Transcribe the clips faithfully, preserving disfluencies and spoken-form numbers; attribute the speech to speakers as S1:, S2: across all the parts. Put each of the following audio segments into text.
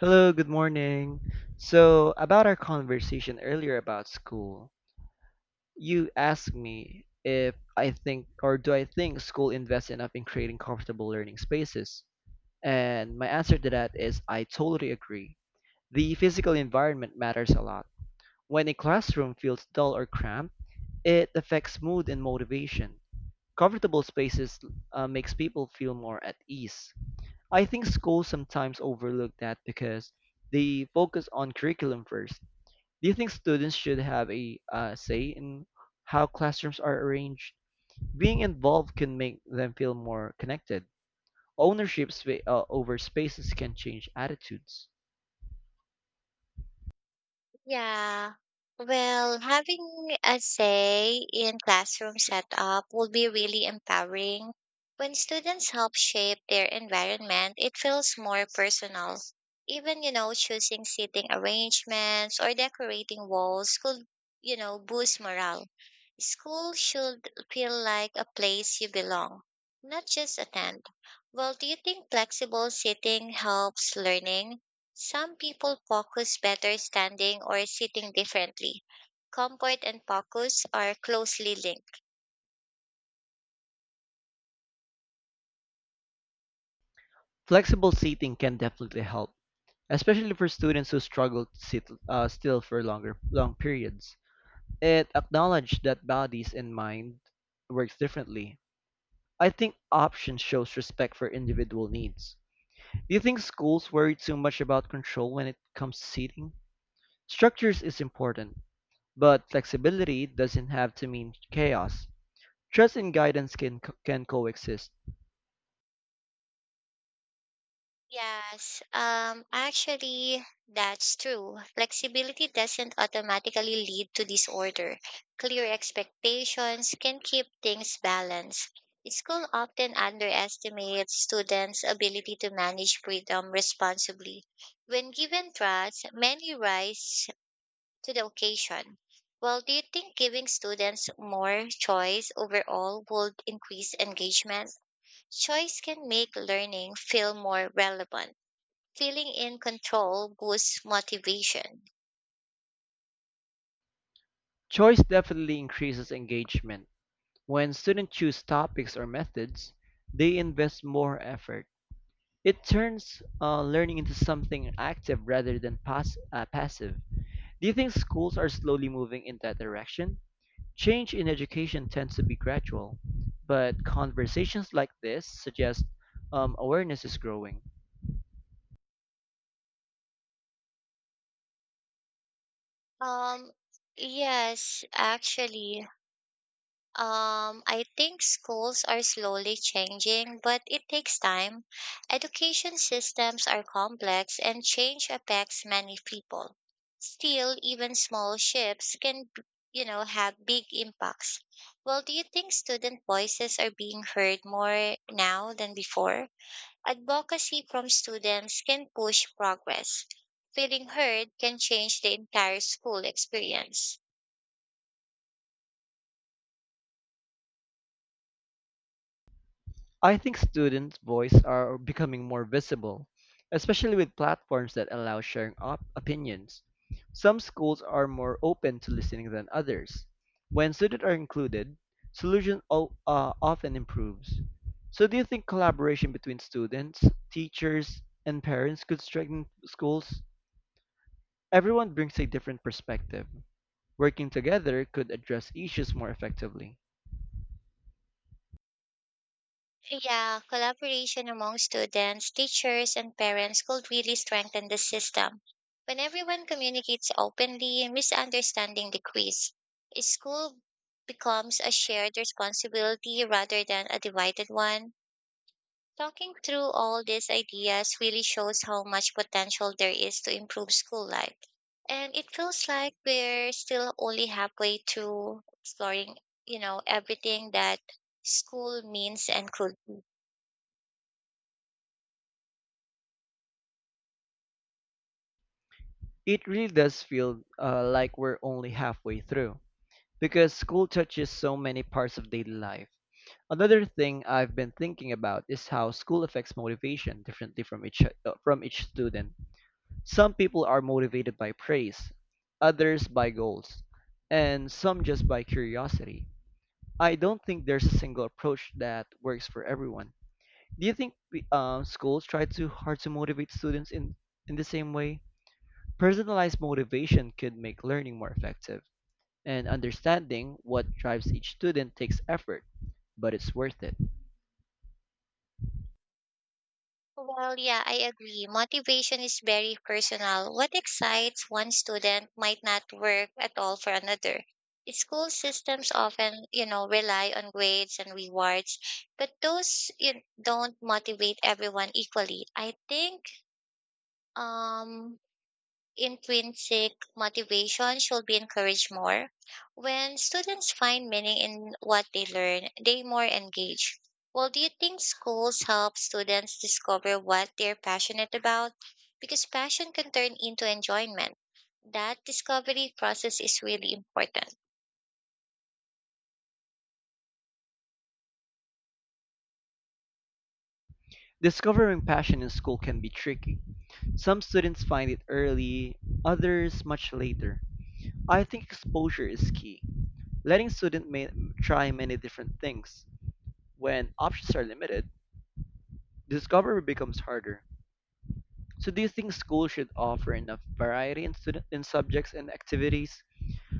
S1: Hello, good morning. So, about our conversation earlier about school, you asked me if I think or do I think school invests enough in creating comfortable learning spaces? And my answer to that is I totally agree. The physical environment matters a lot. When a classroom feels dull or cramped, it affects mood and motivation. Comfortable spaces uh, makes people feel more at ease. I think schools sometimes overlook that because they focus on curriculum first. Do you think students should have a uh, say in how classrooms are arranged? Being involved can make them feel more connected. Ownership spa- uh, over spaces can change attitudes.
S2: Yeah. Well, having a say in classroom setup will be really empowering. When students help shape their environment, it feels more personal. Even, you know, choosing seating arrangements or decorating walls could, you know, boost morale. School should feel like a place you belong, not just attend. Well, do you think flexible seating helps learning? Some people focus better standing or sitting differently. Comfort and focus are closely linked.
S1: Flexible seating can definitely help, especially for students who struggle to sit uh, still for longer long periods. It acknowledged that bodies and mind works differently. I think option shows respect for individual needs. Do you think schools worry too much about control when it comes to seating? Structures is important, but flexibility doesn't have to mean chaos. Trust and guidance can can coexist.
S2: Yes, um, actually, that's true. Flexibility doesn't automatically lead to disorder. Clear expectations can keep things balanced. School often underestimates students' ability to manage freedom responsibly. When given trust, many rise to the occasion. Well, do you think giving students more choice overall would increase engagement? Choice can make learning feel more relevant. Feeling in control boosts motivation.
S1: Choice definitely increases engagement. When students choose topics or methods, they invest more effort. It turns uh, learning into something active rather than pass- uh, passive. Do you think schools are slowly moving in that direction? Change in education tends to be gradual, but conversations like this suggest um, awareness is growing.
S2: Um, yes, actually, Um, I think schools are slowly changing, but it takes time. Education systems are complex and change affects many people. Still, even small shifts can, b- you know, have big impacts. Well, do you think student voices are being heard more now than before? Advocacy from students can push progress. Feeling heard can change the entire school experience.
S1: I think students' voice are becoming more visible, especially with platforms that allow sharing op- opinions. Some schools are more open to listening than others. When students are included, solution o- uh, often improves. So, do you think collaboration between students, teachers, and parents could strengthen schools? Everyone brings a different perspective. Working together could address issues more effectively.
S2: Yeah, collaboration among students, teachers, and parents could really strengthen the system. When everyone communicates openly, misunderstanding decrease. A school becomes a shared responsibility rather than a divided one. Talking through all these ideas really shows how much potential there is to improve school life. And it feels like we're still only halfway through exploring, you know, everything that school means and could be.
S1: It really does feel uh, like we're only halfway through because school touches so many parts of daily life. Another thing I've been thinking about is how school affects motivation differently from each uh, from each student. Some people are motivated by praise, others by goals, and some just by curiosity. I don't think there's a single approach that works for everyone. Do you think we, um, schools try too hard to motivate students in, in the same way? Personalized motivation could make learning more effective, and understanding what drives each student takes effort, but it's worth it.
S2: Well, yeah, I agree. Motivation is very personal. What excites one student might not work at all for another. School systems often, you know, rely on grades and rewards, but those you know, don't motivate everyone equally. I think um intrinsic motivation should be encouraged more. When students find meaning in what they learn, they more engage. Well, do you think schools help students discover what they're passionate about? Because passion can turn into enjoyment. That discovery process is really important.
S1: Discovering passion in school can be tricky. Some students find it early, others much later. I think exposure is key. Letting students ma- Try many different things. When options are limited, discovery becomes harder. So do you think schools should offer enough variety in student in subjects and activities?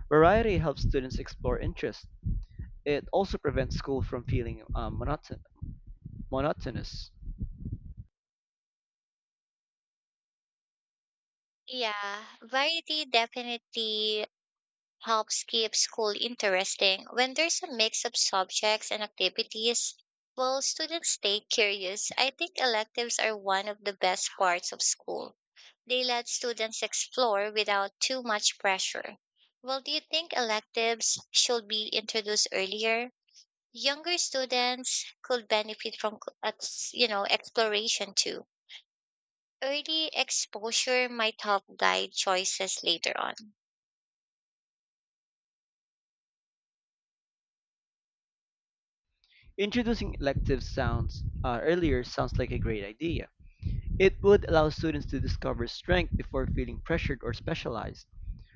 S1: Variety helps students explore interests. It also prevents school from feeling um, monoton- monotonous.
S2: Yeah, variety definitely helps keep school interesting. When there's a mix of subjects and activities, well, students stay curious. I think electives are one of the best parts of school. They let students explore without too much pressure. Well, do you think electives should be introduced earlier? Younger students could benefit from, c- ex- you know, exploration too. Early exposure might help guide choices later on.
S1: Introducing electives sounds uh, earlier sounds like a great idea. It would allow students to discover strength before feeling pressured or specialized.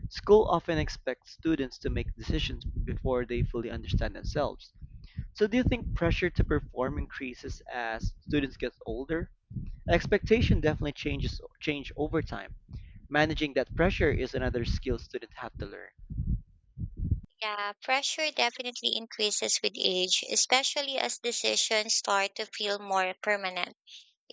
S1: School often expects students to make decisions before they fully understand themselves. So do you think pressure to perform increases as students get older? Expectation definitely changes change over time. Managing that pressure is another skill students have to learn.
S2: Yeah, pressure definitely increases with age, especially as decisions start to feel more permanent.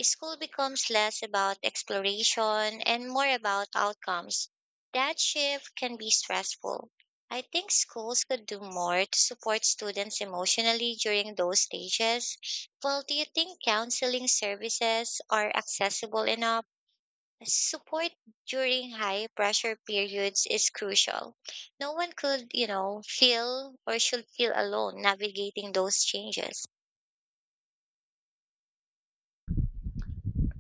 S2: School becomes less about exploration and more about outcomes. That shift can be stressful. I think schools could do more to support students emotionally during those stages. Well, do you think counseling services are accessible enough? Support during high pressure periods is crucial. No one could, you know, feel or should feel alone navigating those changes.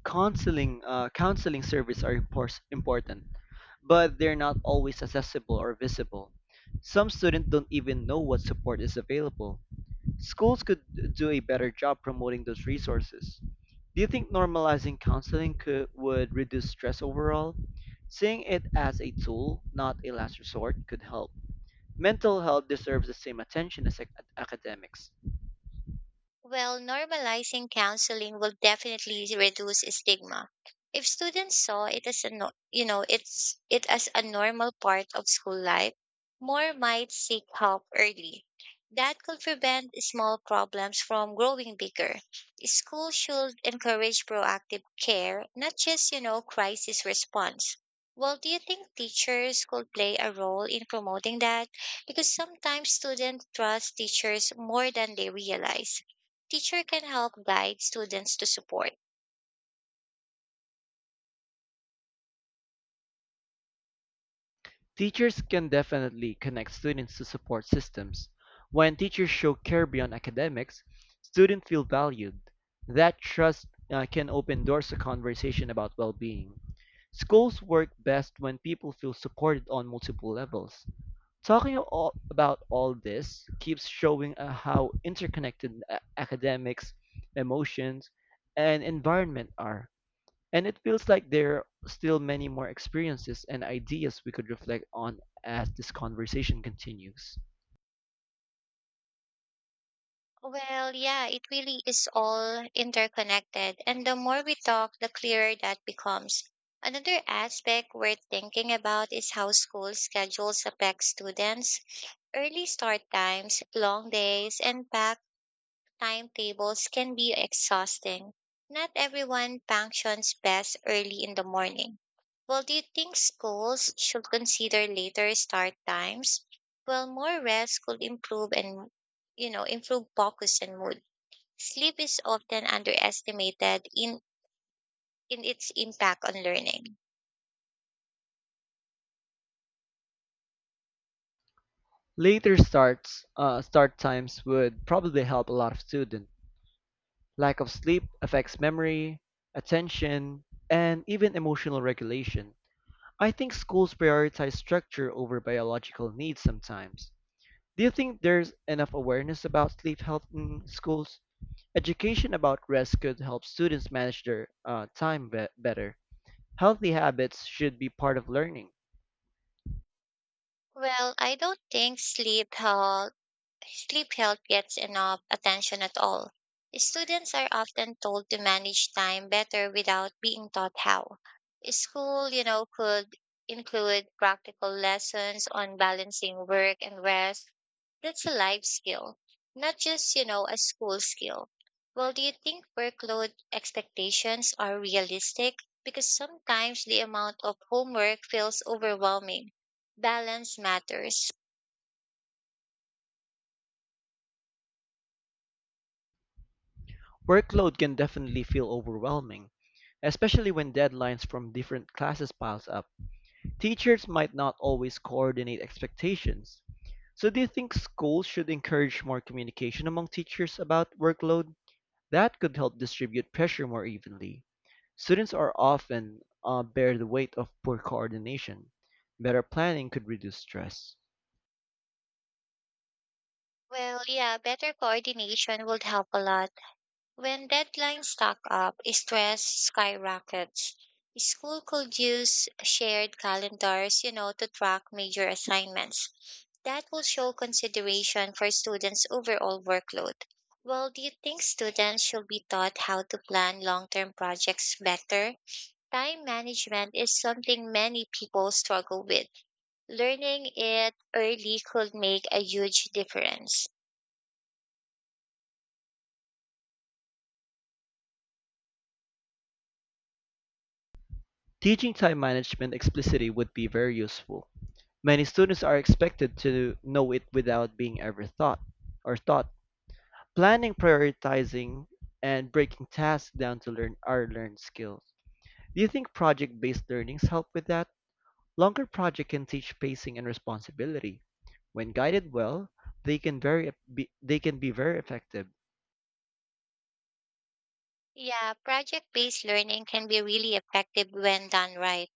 S1: Counseling uh, counseling services are impor- important, but they're not always accessible or visible. Some students don't even know what support is available. Schools could do a better job promoting those resources. Do you think normalizing counseling could would reduce stress overall? Seeing it as a tool, not a last resort, could help. Mental health deserves the same attention as ac- academics.
S2: Well, normalizing counseling will definitely reduce stigma. If students saw it as a no, you know, it's it as a normal part of school life, more might seek help early. That could prevent small problems from growing bigger. School should encourage proactive care, not just, you know, crisis response. Well, do you think teachers could play a role in promoting that? Because sometimes students trust teachers more than they realize. Teacher can help guide students to support.
S1: Teachers can definitely connect students to support systems. When teachers show care beyond academics, students feel valued. That trust uh, can open doors to conversation about well being. Schools work best when people feel supported on multiple levels. Talking a- all- about all this keeps showing uh, how interconnected a- academics, emotions, and environment are. And it feels like there are still many more experiences and ideas we could reflect on as this conversation continues.
S2: Well, yeah, it really is all interconnected. And the more we talk, the clearer that becomes. Another aspect worth thinking about is how school schedules affect students. Early start times, long days, and packed timetables can be exhausting. Not everyone functions best early in the morning. Well, do you think schools should consider later start times? Well, more rest could improve and, you know, improve focus and mood. Sleep is often underestimated in, in its impact on learning.
S1: Later starts uh, start times would probably help a lot of students. Lack of sleep affects memory, attention, and even emotional regulation. I think schools prioritize structure over biological needs sometimes. Do you think there's enough awareness about sleep health in schools? Education about rest could help students manage their uh, time be- better. Healthy habits should be part of learning.
S2: Well, I don't think sleep uh, sleep help gets enough attention at all. Students are often told to manage time better without being taught how. School, you know, could include practical lessons on balancing work and rest. That's a life skill, not just, you know, a school skill. Well, do you think workload expectations are realistic? Because sometimes the amount of homework feels overwhelming. Balance matters.
S1: Workload can definitely feel overwhelming, especially when deadlines from different classes piles up. Teachers might not always coordinate expectations. So do you think schools should encourage more communication among teachers about workload? That could help distribute pressure more evenly. Students are often uh, bear the weight of poor coordination. Better planning could reduce stress.
S2: Well, yeah, better coordination would help a lot. When deadlines stack up, stress skyrockets. School could use shared calendars, you know, to track major assignments. That will show consideration for students' overall workload. Well, do you think students should be taught how to plan long term projects better? Time management is something many people struggle with. Learning it early could make a huge difference.
S1: Teaching time management explicitly would be very useful. Many students are expected to know it without being ever thought or taught. Planning, prioritizing, and breaking tasks down to learn are learned skills. Do you think project-based learnings help with that? Longer projects can teach pacing and responsibility. When guided well, they can very be, they can be very effective.
S2: Yeah, project based learning can be really effective when done right.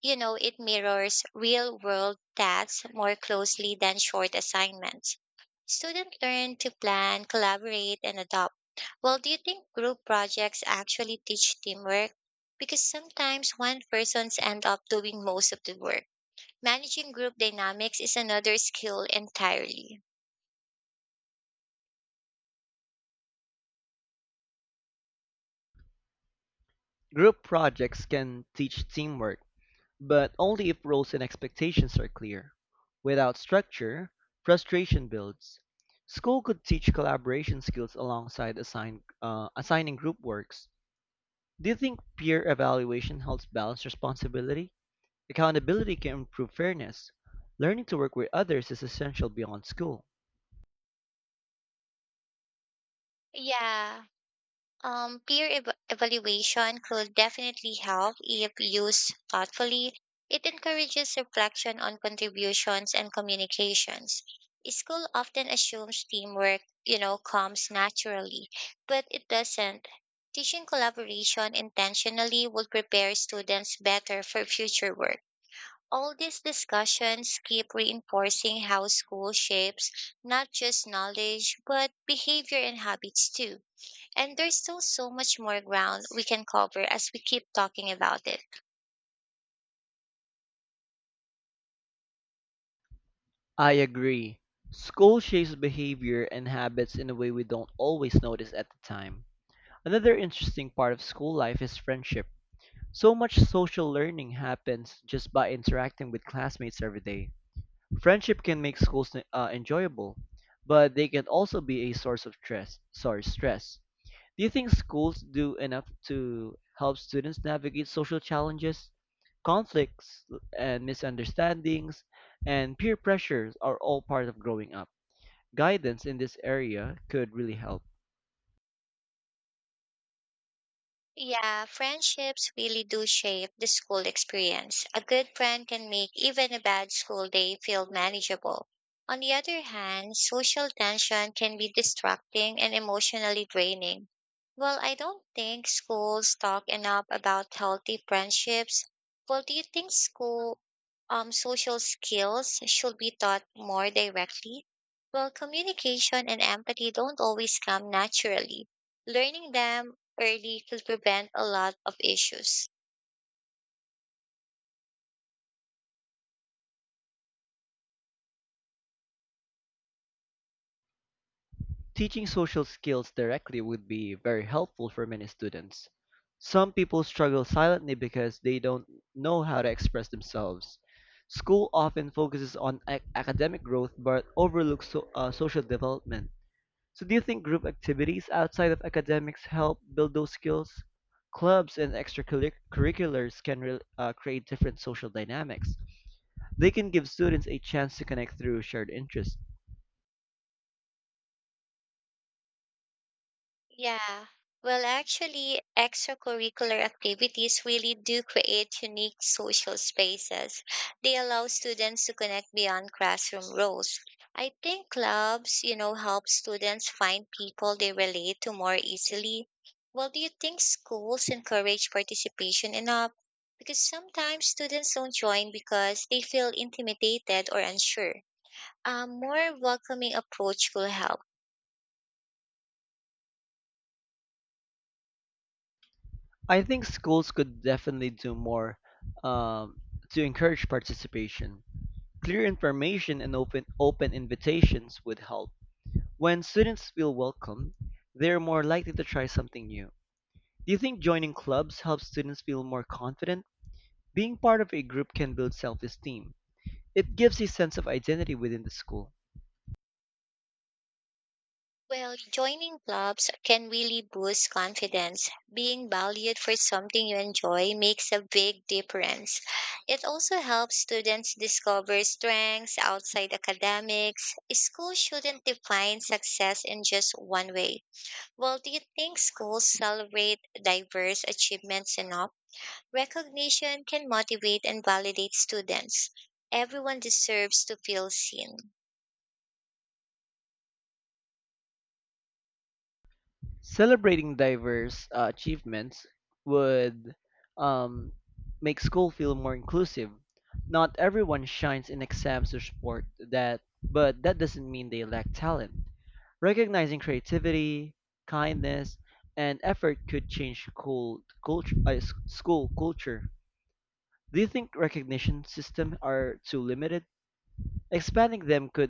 S2: You know, it mirrors real world tasks more closely than short assignments. Students learn to plan, collaborate, and adopt. Well, do you think group projects actually teach teamwork? Because sometimes one person's end up doing most of the work. Managing group dynamics is another skill entirely.
S1: Group projects can teach teamwork. But only if roles and expectations are clear. Without structure, frustration builds. School could teach collaboration skills alongside assign, uh, assigning group works. Do you think peer evaluation helps balance responsibility? Accountability can improve fairness. Learning to work with others is essential beyond school.
S2: Yeah, Um, peer ev- evaluation could definitely help if used thoughtfully. It encourages reflection on contributions and communications. School often assumes teamwork, you know, comes naturally, but it doesn't. Teaching collaboration intentionally would prepare students better for future work. All these discussions keep reinforcing how school shapes not just knowledge, but behavior and habits too and there's still so much more ground we can cover as we keep talking about it.
S1: I agree. School shapes behavior and habits in a way we don't always notice at the time. Another interesting part of school life is friendship. So much social learning happens just by interacting with classmates every day. Friendship can make schools uh, enjoyable, but they can also be a source of stress. Sorry, stress. Do you think schools do enough to help students navigate social challenges? Conflicts and misunderstandings and peer pressures are all part of growing up. Guidance in this area could really help.
S2: Yeah, friendships really do shape the school experience. A good friend can make even a bad school day feel manageable. On the other hand, social tension can be distracting and emotionally draining. Well, I don't think schools talk enough about healthy friendships. Well, do you think school um social skills should be taught more directly? Well, communication and empathy don't always come naturally, learning them early could prevent a lot of issues.
S1: Teaching social skills directly would be very helpful for many students. Some people struggle silently because they don't know how to express themselves. School often focuses on ac- academic growth but overlooks so- uh, social development. So, do you think group activities outside of academics help build those skills? Clubs and extracurriculars can re- uh, create different social dynamics. They can give students a chance to connect through shared interests.
S2: Yeah. Well, actually, extracurricular activities really do create unique social spaces. They allow students to connect beyond classroom roles. I think clubs, you know, help students find people they relate to more easily. Well, do you think schools encourage participation enough? Because sometimes students don't join because they feel intimidated or unsure. A more welcoming approach will help.
S1: I think schools could definitely do more um, to encourage participation. Clear information and open open invitations would help. When students feel welcome, they're more likely to try something new. Do you think joining clubs helps students feel more confident? Being part of a group can build self-esteem. It gives a sense of identity within the school.
S2: Well, joining clubs can really boost confidence. Being valued for something you enjoy makes a big difference. It also helps students discover strengths outside academics. School shouldn't define success in just one way. Well, do you think schools celebrate diverse achievements enough? Recognition can motivate and validate students. Everyone deserves to feel seen.
S1: Celebrating diverse uh, achievements would um, make school feel more inclusive. Not everyone shines in exams or sport that, but that doesn't mean they lack talent. Recognizing creativity, kindness, and effort could change cool culture, uh, s- school culture. Do you think recognition systems are too limited? Expanding them could